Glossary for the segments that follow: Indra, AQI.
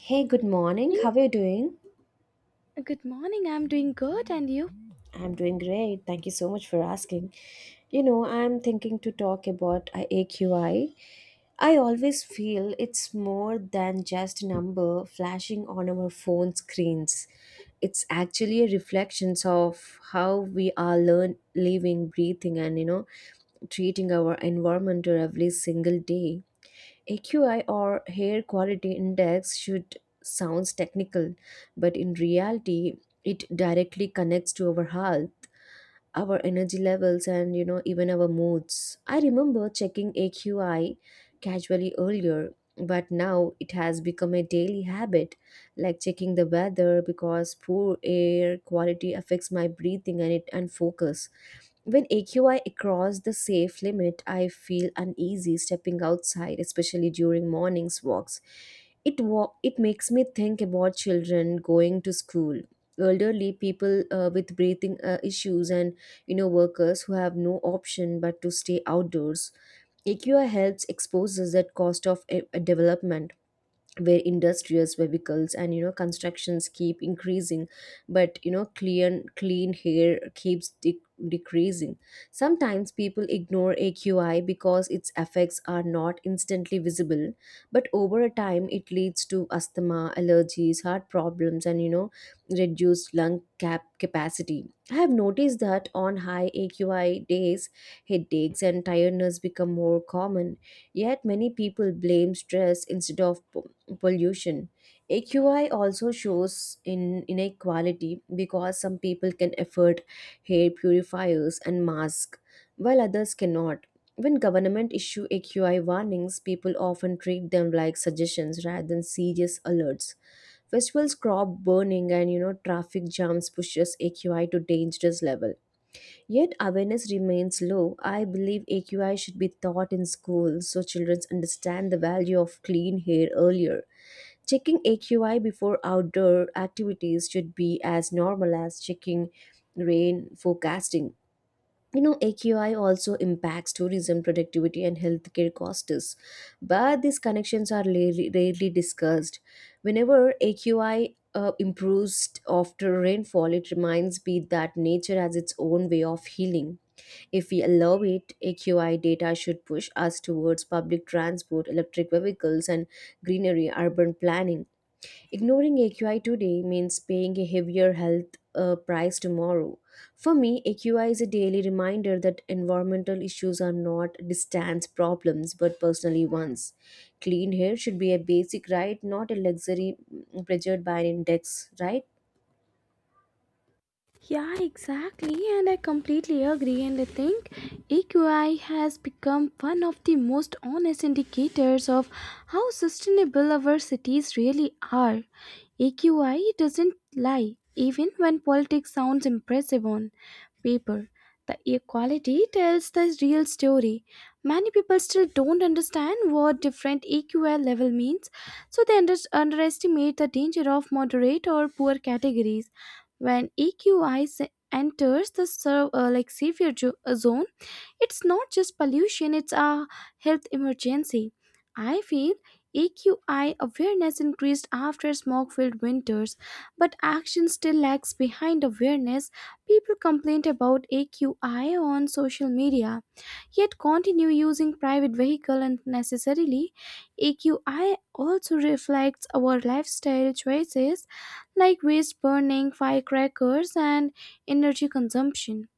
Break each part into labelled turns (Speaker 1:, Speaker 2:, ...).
Speaker 1: Hey, good morning. How
Speaker 2: Morning.
Speaker 1: are you doing?
Speaker 2: Good morning. I'm doing good, and you?
Speaker 1: I'm doing great. Thank you so much for asking. I'm thinking to talk about AQI. I always feel it's more than just a number flashing on our phone screens. It's actually a reflection of how we are living, breathing, and treating our environment every single day. AQI, or hair quality index, should sounds technical, but in reality, it directly connects to our health, our energy levels, and even our moods. I remember checking AQI casually earlier, but now it has become a daily habit, like checking the weather because poor air quality affects my breathing and it and focus. When AQI across the safe limit, I feel uneasy stepping outside, especially during mornings walks. It makes me think about children going to school, elderly people with breathing issues, and workers who have no option but to stay outdoors. AQI helps exposes that cost of development where industries vehicles and constructions keep increasing, but you know, clean hair keeps decreasing. Sometimes people ignore aqi because its effects are not instantly visible, but over a time it leads to asthma, allergies, heart problems, and reduced lung capacity. I have noticed that on high aqi days, headaches and tiredness become more common. Yet many people blame stress instead of pollution. AQI also shows in inequality because some people can afford hair purifiers and masks while others cannot. When government issue AQI warnings, people often treat them like suggestions rather than serious alerts. Festivals, crop burning, and traffic jams pushes AQI to dangerous level. Yet awareness remains low. I believe AQI should be taught in schools so children understand the value of clean hair earlier. Checking AQI before outdoor activities should be as normal as checking rain forecasting. AQI also impacts tourism, productivity, and healthcare costs, but these connections are rarely discussed. Whenever AQI improves after rainfall, it reminds me that nature has its own way of healing. If we allow it, AQI data should push us towards public transport, electric vehicles, and greenery urban planning. Ignoring AQI today means paying a heavier health price tomorrow. For me, AQI is a daily reminder that environmental issues are not distance problems but personally ones. Clean air should be a basic right, not a luxury pressured by an index, right?
Speaker 2: Yeah, exactly, and I completely agree. And I think AQI has become one of the most honest indicators of how sustainable our cities really are. AQI doesn't lie, even when politics sounds impressive on paper. The equality tells the real story. Many people still don't understand what different AQI level means, so they underestimate the danger of moderate or poor categories. When EQI enters the like savior zone, it's not just pollution, it's a health emergency. I feel AQI awareness increased after smog filled winters, but action still lags behind awareness. People complain about AQI on social media, yet continue using private vehicle unnecessarily. AQI also reflects our lifestyle choices like waste burning, firecrackers, and energy consumption.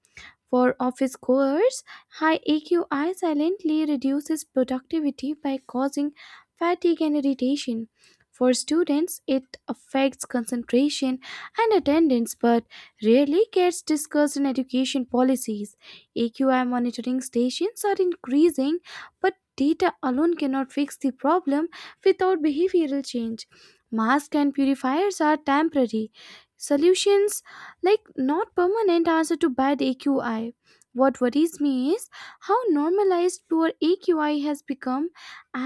Speaker 2: For office goers, high AQI silently reduces productivity by causing fatigue and irritation. For students, it affects concentration and attendance but rarely gets discussed in education policies. AQI monitoring stations are increasing, but data alone cannot fix the problem without behavioral change. Masks and purifiers are temporary solutions like not permanent answer to bad AQI. What worries me is how normalized poor AQI has become,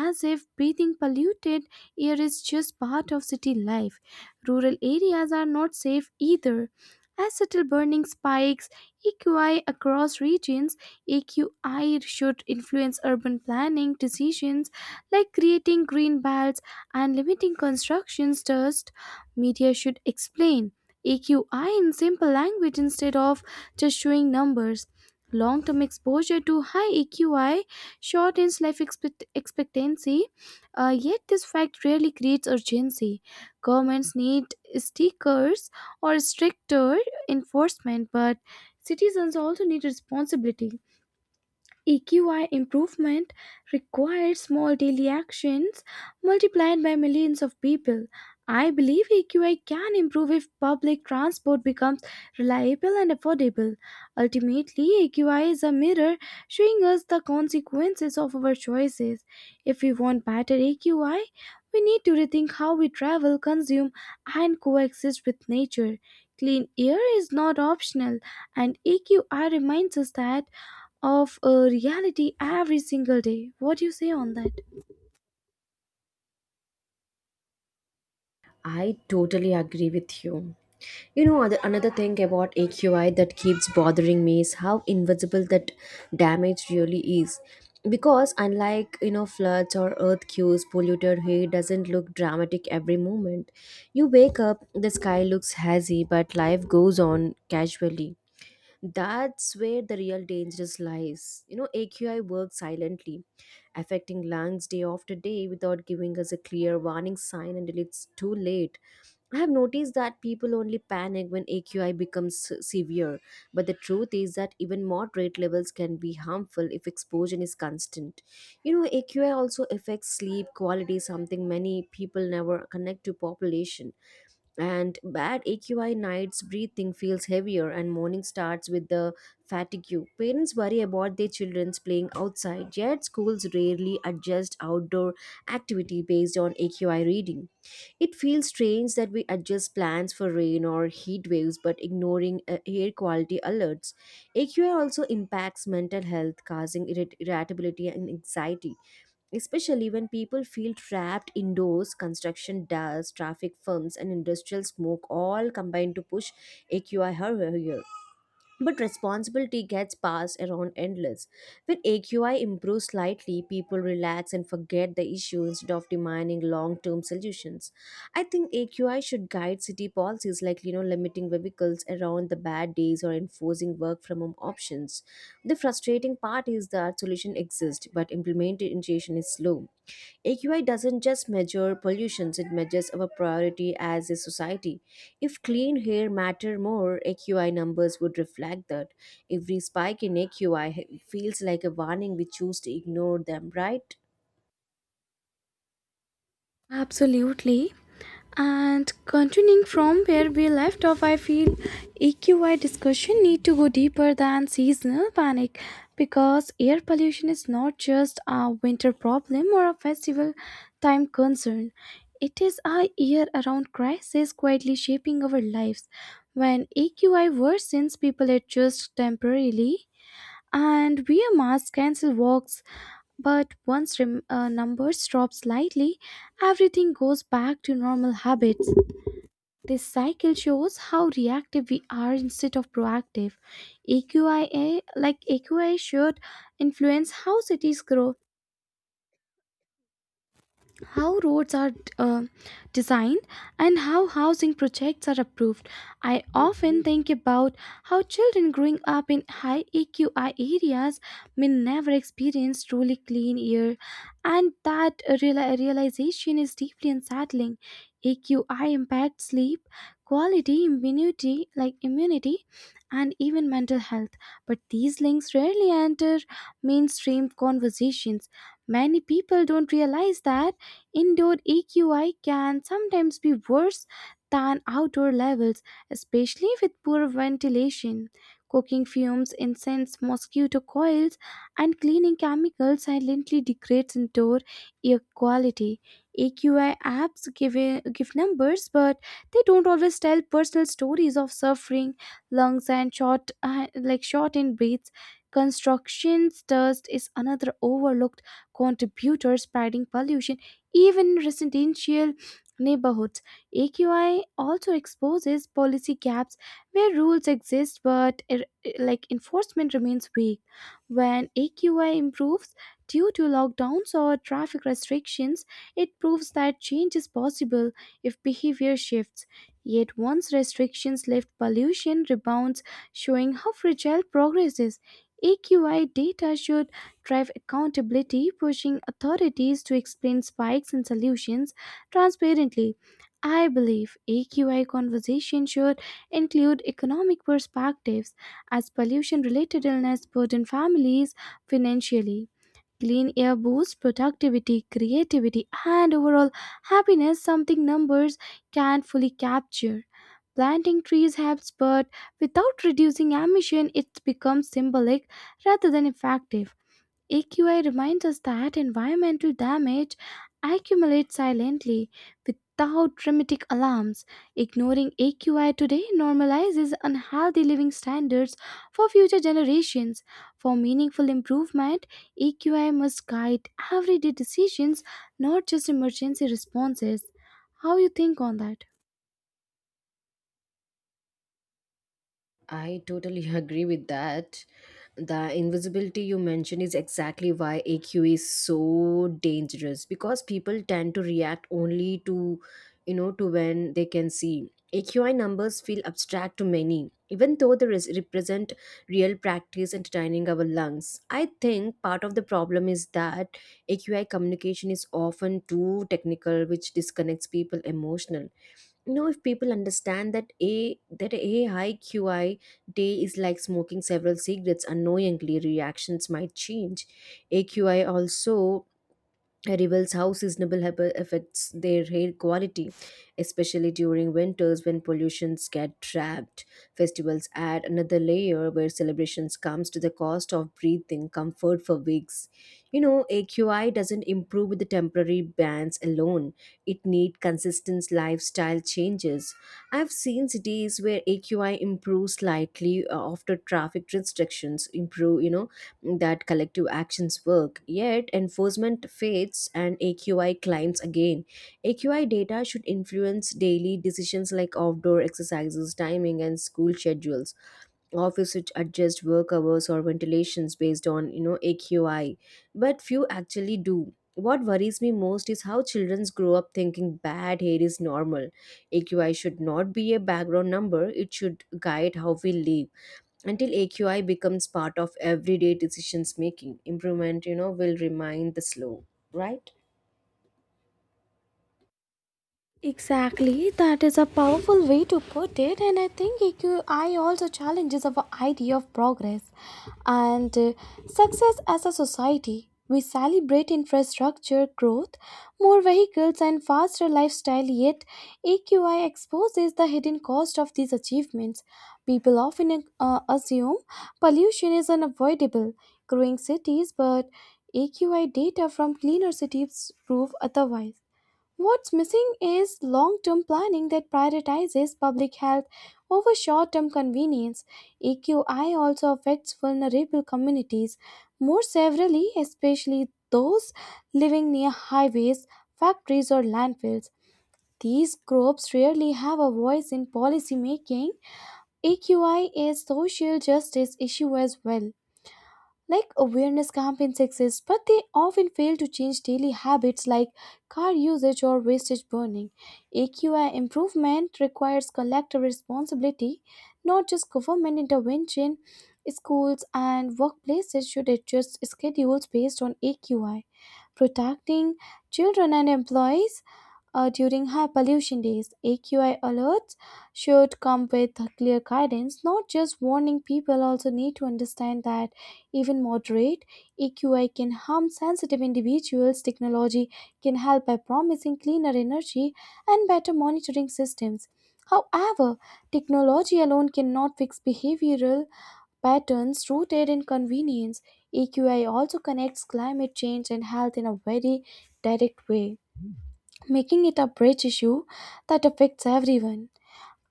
Speaker 2: as if breathing polluted air is just part of city life. Rural areas are not safe either. As subtle burning spikes AQI across regions, AQI should influence urban planning decisions like creating green belts and limiting constructions dust. Media should explain AQI in simple language instead of just showing numbers. Long term exposure to high AQI shortens life expectancy, yet, this fact rarely creates urgency. Governments need stickers or stricter enforcement, but citizens also need responsibility. EQI improvement requires small daily actions multiplied by millions of people. I believe EQI can improve if public transport becomes reliable and affordable. Ultimately, EQI is a mirror showing us the consequences of our choices. If we want better EQI, we need to rethink how we travel, consume, and coexist with nature. Clean air is not optional, and EQI reminds us that of a reality every single day. What do you say on that?
Speaker 1: I totally agree with you. You know, another thing about AQI that keeps bothering me is how invisible that damage really is. Because unlike, floods or earthquakes, polluted hay doesn't look dramatic every moment. You wake up, the sky looks hazy, but life goes on casually. That's where the real danger lies. AQI works silently, affecting lungs day after day without giving us a clear warning sign until it's too late. I have noticed that people only panic when AQI becomes severe, but the truth is that even moderate levels can be harmful if exposure is constant. AQI also affects sleep quality, something many people never connect to population. And bad AQI nights, breathing feels heavier, and morning starts with the fatigue. Parents worry about their children's playing outside, yet schools rarely adjust outdoor activity based on AQI reading. It feels strange that we adjust plans for rain or heat waves but ignoring air quality alerts. AQI also impacts mental health, causing irritability and anxiety, especially when people feel trapped indoors. Construction dust, traffic fumes, and industrial smoke all combine to push AQI higher. But responsibility gets passed around endless. When AQI improves slightly, people relax and forget the issue instead of demanding long-term solutions. I think AQI should guide city policies like limiting vehicles around the bad days or enforcing work from home options. The frustrating part is that solution exists, but implementation is slow. AQI doesn't just measure pollutions, it measures our priority as a society. If clean air matter more, AQI numbers would reflect that. Every spike in AQI feels like a warning we choose to ignore them, right?
Speaker 2: Absolutely. And continuing from where we left off, I feel EQI discussion need to go deeper than seasonal panic because air pollution is not just a winter problem or a festival time concern. It is a year-round crisis quietly shaping our lives. When EQI worsens, people adjust temporarily and wear masks, cancel walks. But once numbers drop slightly, everything goes back to normal habits. This cycle shows how reactive we are instead of proactive. AQIA, like AQI, should influence how cities grow, how roads are uh, designed, and how housing projects are approved. I often think about how children growing up in high AQI areas may never experience truly clean air, and that realization is deeply unsettling. AQI impacts sleep, quality, immunity, like immunity, and even mental health. But these links rarely enter mainstream conversations. Many people don't realize that indoor EQI can sometimes be worse than outdoor levels, especially with poor ventilation. Cooking fumes, incense, mosquito coils, and cleaning chemicals silently degrades indoor air quality. AQI apps give numbers, but they don't always tell personal stories of suffering, lungs, and like shortened breaths. Constructions dust is another overlooked contributor, spreading pollution even residential neighborhoods. AQI also exposes policy gaps where rules exist, but like enforcement remains weak. When AQI improves due to lockdowns or traffic restrictions, it proves that change is possible if behavior shifts. Yet once restrictions lift, pollution rebounds, showing how fragile progress is. AQI data should drive accountability, pushing authorities to explain spikes and solutions transparently. I believe AQI conversation should include economic perspectives as pollution related illness burden families financially. Clean air boosts productivity, creativity, and overall happiness, something numbers can't fully capture. Planting trees helps, but without reducing emission, it becomes symbolic rather than effective. AQI reminds us that environmental damage accumulates silently without dramatic alarms. Ignoring AQI today normalizes unhealthy living standards for future generations. For meaningful improvement, AQI must guide everyday decisions, not just emergency responses. How you think on that?
Speaker 1: I totally agree with that. The invisibility you mentioned is exactly why AQ is so dangerous because people tend to react only to, when they can see. AQI numbers feel abstract to many, even though they represent real practice entertaining our lungs. I think part of the problem is that AQI communication is often too technical, which disconnects people emotionally. You know, if people understand that a high qi day is like smoking several cigarettes unknowingly, reactions might change. Aqi also reveals how seasonable habit affects their hair quality, especially during winters when pollutions get trapped. Festivals add another layer where celebrations comes to the cost of breathing comfort for weeks. AQI doesn't improve with the temporary bans alone. It need consistent lifestyle changes. I've seen cities where AQI improves slightly after traffic restrictions improve, that collective actions work, yet enforcement fades and AQI climbs again. AQI data should influence daily decisions like outdoor exercises, timing, and school schedules. Office should adjust work hours or ventilations based on AQI, but few actually do. What worries me most is how children grow up thinking bad hair is normal. AQI should not be a background number; it should guide how we live until aqi becomes part of everyday decisions making improvement. Will remain the slow, right?
Speaker 2: Exactly, that is a powerful way to put it, and I think EQI also challenges our idea of progress and success as a society. We celebrate infrastructure growth, more vehicles, and faster lifestyle, yet AQI exposes the hidden cost of these achievements. People often assume pollution is unavoidable, growing cities, but AQI data from cleaner cities prove otherwise. What's missing is long term planning that prioritizes public health over short term convenience. EQI also affects vulnerable communities more severely, especially those living near highways, factories, or landfills. These groups rarely have a voice in policy making. EQI is social justice issue as well. Like awareness campaigns exist, but they often fail to change daily habits like car usage or wastage burning. AQI improvement requires collective responsibility, not just government intervention. Schools and workplaces should adjust schedules based on AQI. Protecting children and employees during high pollution days, AQI alerts should come with clear guidance, not just warning. People also need to understand that even moderate AQI can harm sensitive individuals. Technology can help by promising cleaner energy and better monitoring systems. However, technology alone cannot fix behavioral patterns rooted in convenience. AQI also connects climate change and health in a very direct way, making it a bridge issue that affects everyone.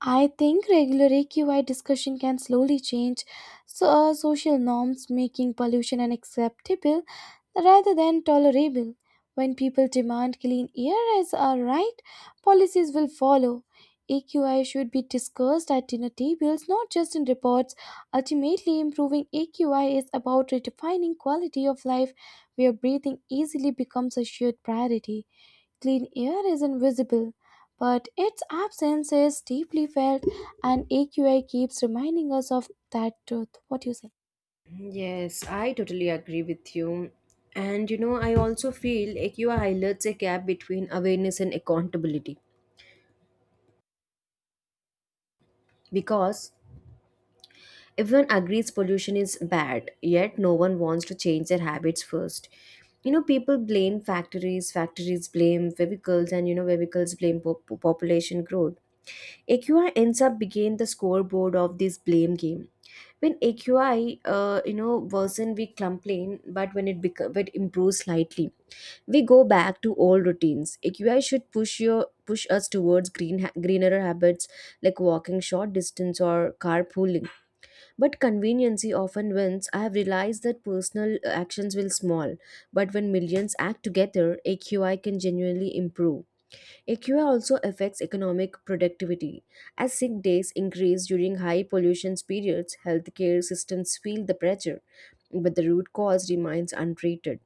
Speaker 2: I think regular AQI discussion can slowly change so, social norms, making pollution unacceptable rather than tolerable. When people demand clean air as a right, policies will follow. AQI should be discussed at dinner tables, not just in reports. Ultimately, improving AQI is about redefining quality of life where breathing easily becomes a shared priority. Clean air is invisible, but its absence is deeply felt, and AQI keeps reminding us of that truth. What do you say?
Speaker 1: Yes, I totally agree with you. And I also feel AQI highlights a gap between awareness and accountability because everyone agrees pollution is bad, yet no one wants to change their habits first. People blame factories, factories blame vehicles, and vehicles blame population growth. AQI ends up being the scoreboard of this blame game. When aqi worsen, we complain, but when it improves slightly, we go back to old routines. Aqi should push us towards greener habits like walking short distance or carpooling, but conveniency often wins. I have realized that personal actions will small, but when millions act together, aqi can genuinely improve. AQI also affects economic productivity. As sick days increase during high pollution periods, healthcare systems feel the pressure, but the root cause remains untreated.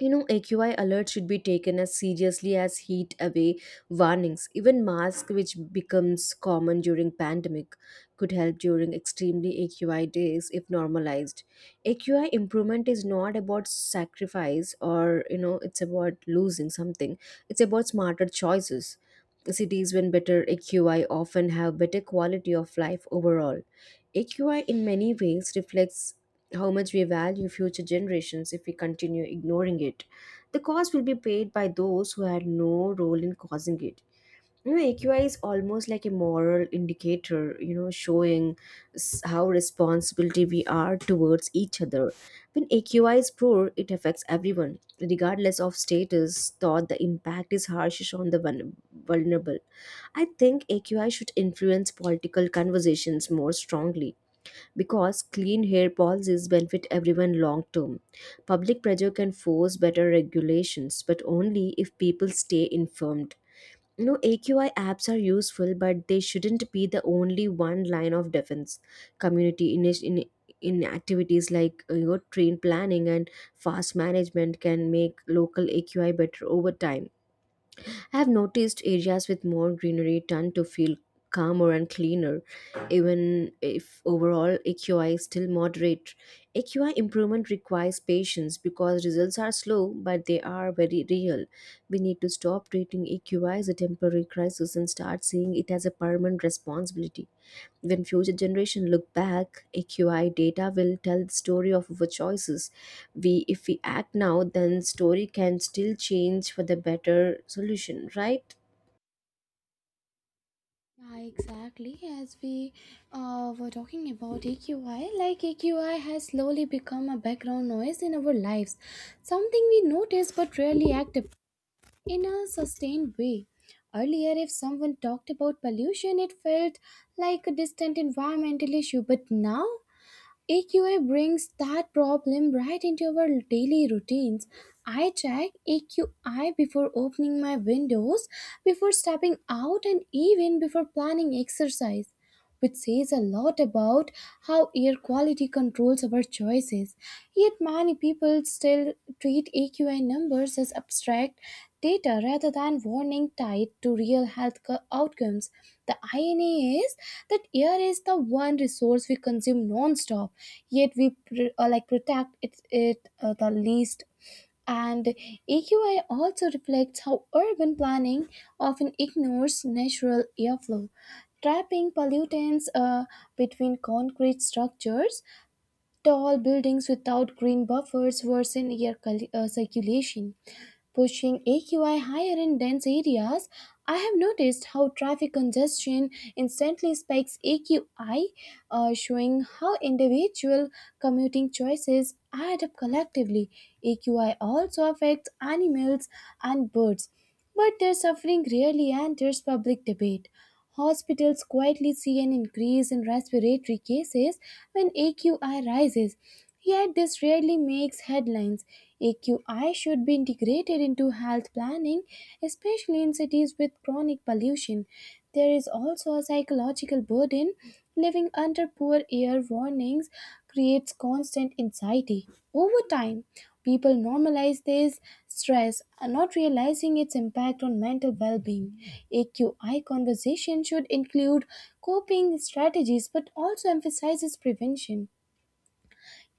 Speaker 1: AQI alerts should be taken as seriously as heat away warnings. Even masks, which becomes common during pandemic, could help during extremely AQI days if normalized. AQI improvement is not about sacrifice or it's about losing something. It's about smarter choices. Cities with better AQI often have better quality of life overall. AQI in many ways reflects how much we value future generations if we continue ignoring it. The cost will be paid by those who had no role in causing it. AQI is almost like a moral indicator, showing how responsibility we are towards each other. When AQI is poor, it affects everyone, regardless of status, thought the impact is harshest on the vulnerable. I think AQI should influence political conversations more strongly because clean hair policies benefit everyone long term. Public pressure can force better regulations, but only if people stay informed. AQI apps are useful, but they shouldn't be the only one line of defense. Community in activities like train planning and fast management can make local AQI better over time. I have noticed areas with more greenery tend to feel calmer and cleaner, even if overall AQI is still moderate. AQI improvement requires patience because results are slow, but they are very real. We need to stop treating AQI as a temporary crisis and start seeing it as a permanent responsibility. When future generation look back, AQI data will tell the story of our choices. If we act now, then story can still change for the better solution, right?
Speaker 2: Yeah, exactly. As we were talking about AQI, like AQI has slowly become a background noise in our lives, something we notice but rarely act up in a sustained way. Earlier, if someone talked about pollution, it felt like a distant environmental issue, but now AQI brings that problem right into our daily routines. I check AQI before opening my windows, before stepping out, and even before planning exercise, which says a lot about how air quality controls our choices. Yet, many people still treat AQI numbers as abstract data rather than warning tied to real health outcomes. The irony is that air is the one resource we consume non-stop, yet we like protect it, the least, and AQI also reflects how urban planning often ignores natural airflow, trapping pollutants between concrete structures. Tall buildings without green buffers worsen air circulation, pushing AQI higher in dense areas. I have noticed how traffic congestion instantly spikes AQI, showing how individual commuting choices add up collectively. AQI also affects animals and birds. But their suffering rarely enters public debate. Hospitals quietly see an increase in respiratory cases when AQI rises, yet this rarely makes headlines. AQI should be integrated into health planning, especially in cities with chronic pollution. There is also a psychological burden. Living under poor air warnings creates constant anxiety. Over time, people normalize this stress and not realizing its impact on mental well being. AQI conversation should include coping strategies but also emphasizes prevention.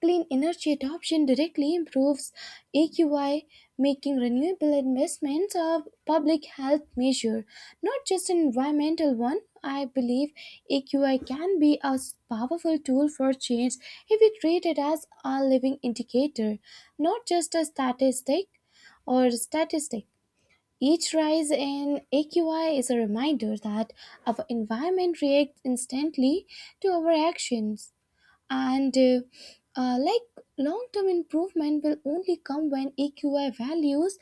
Speaker 2: Clean energy adoption directly improves AQI, making renewable investments a public health measure, not just an environmental one. I believe AQI can be a powerful tool for change if we treat it as a living indicator, not just a statistic. Each rise in AQI is a reminder that our environment reacts instantly to our actions, and like long term improvement will only come when EQI values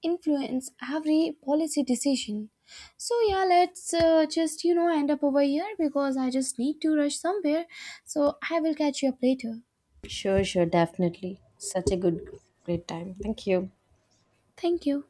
Speaker 2: influence every policy decision. So yeah, let's just end up over here because I just need to rush somewhere, so I will catch you up later.
Speaker 1: Sure, sure, definitely. Such a great time. Thank you.
Speaker 2: Thank you.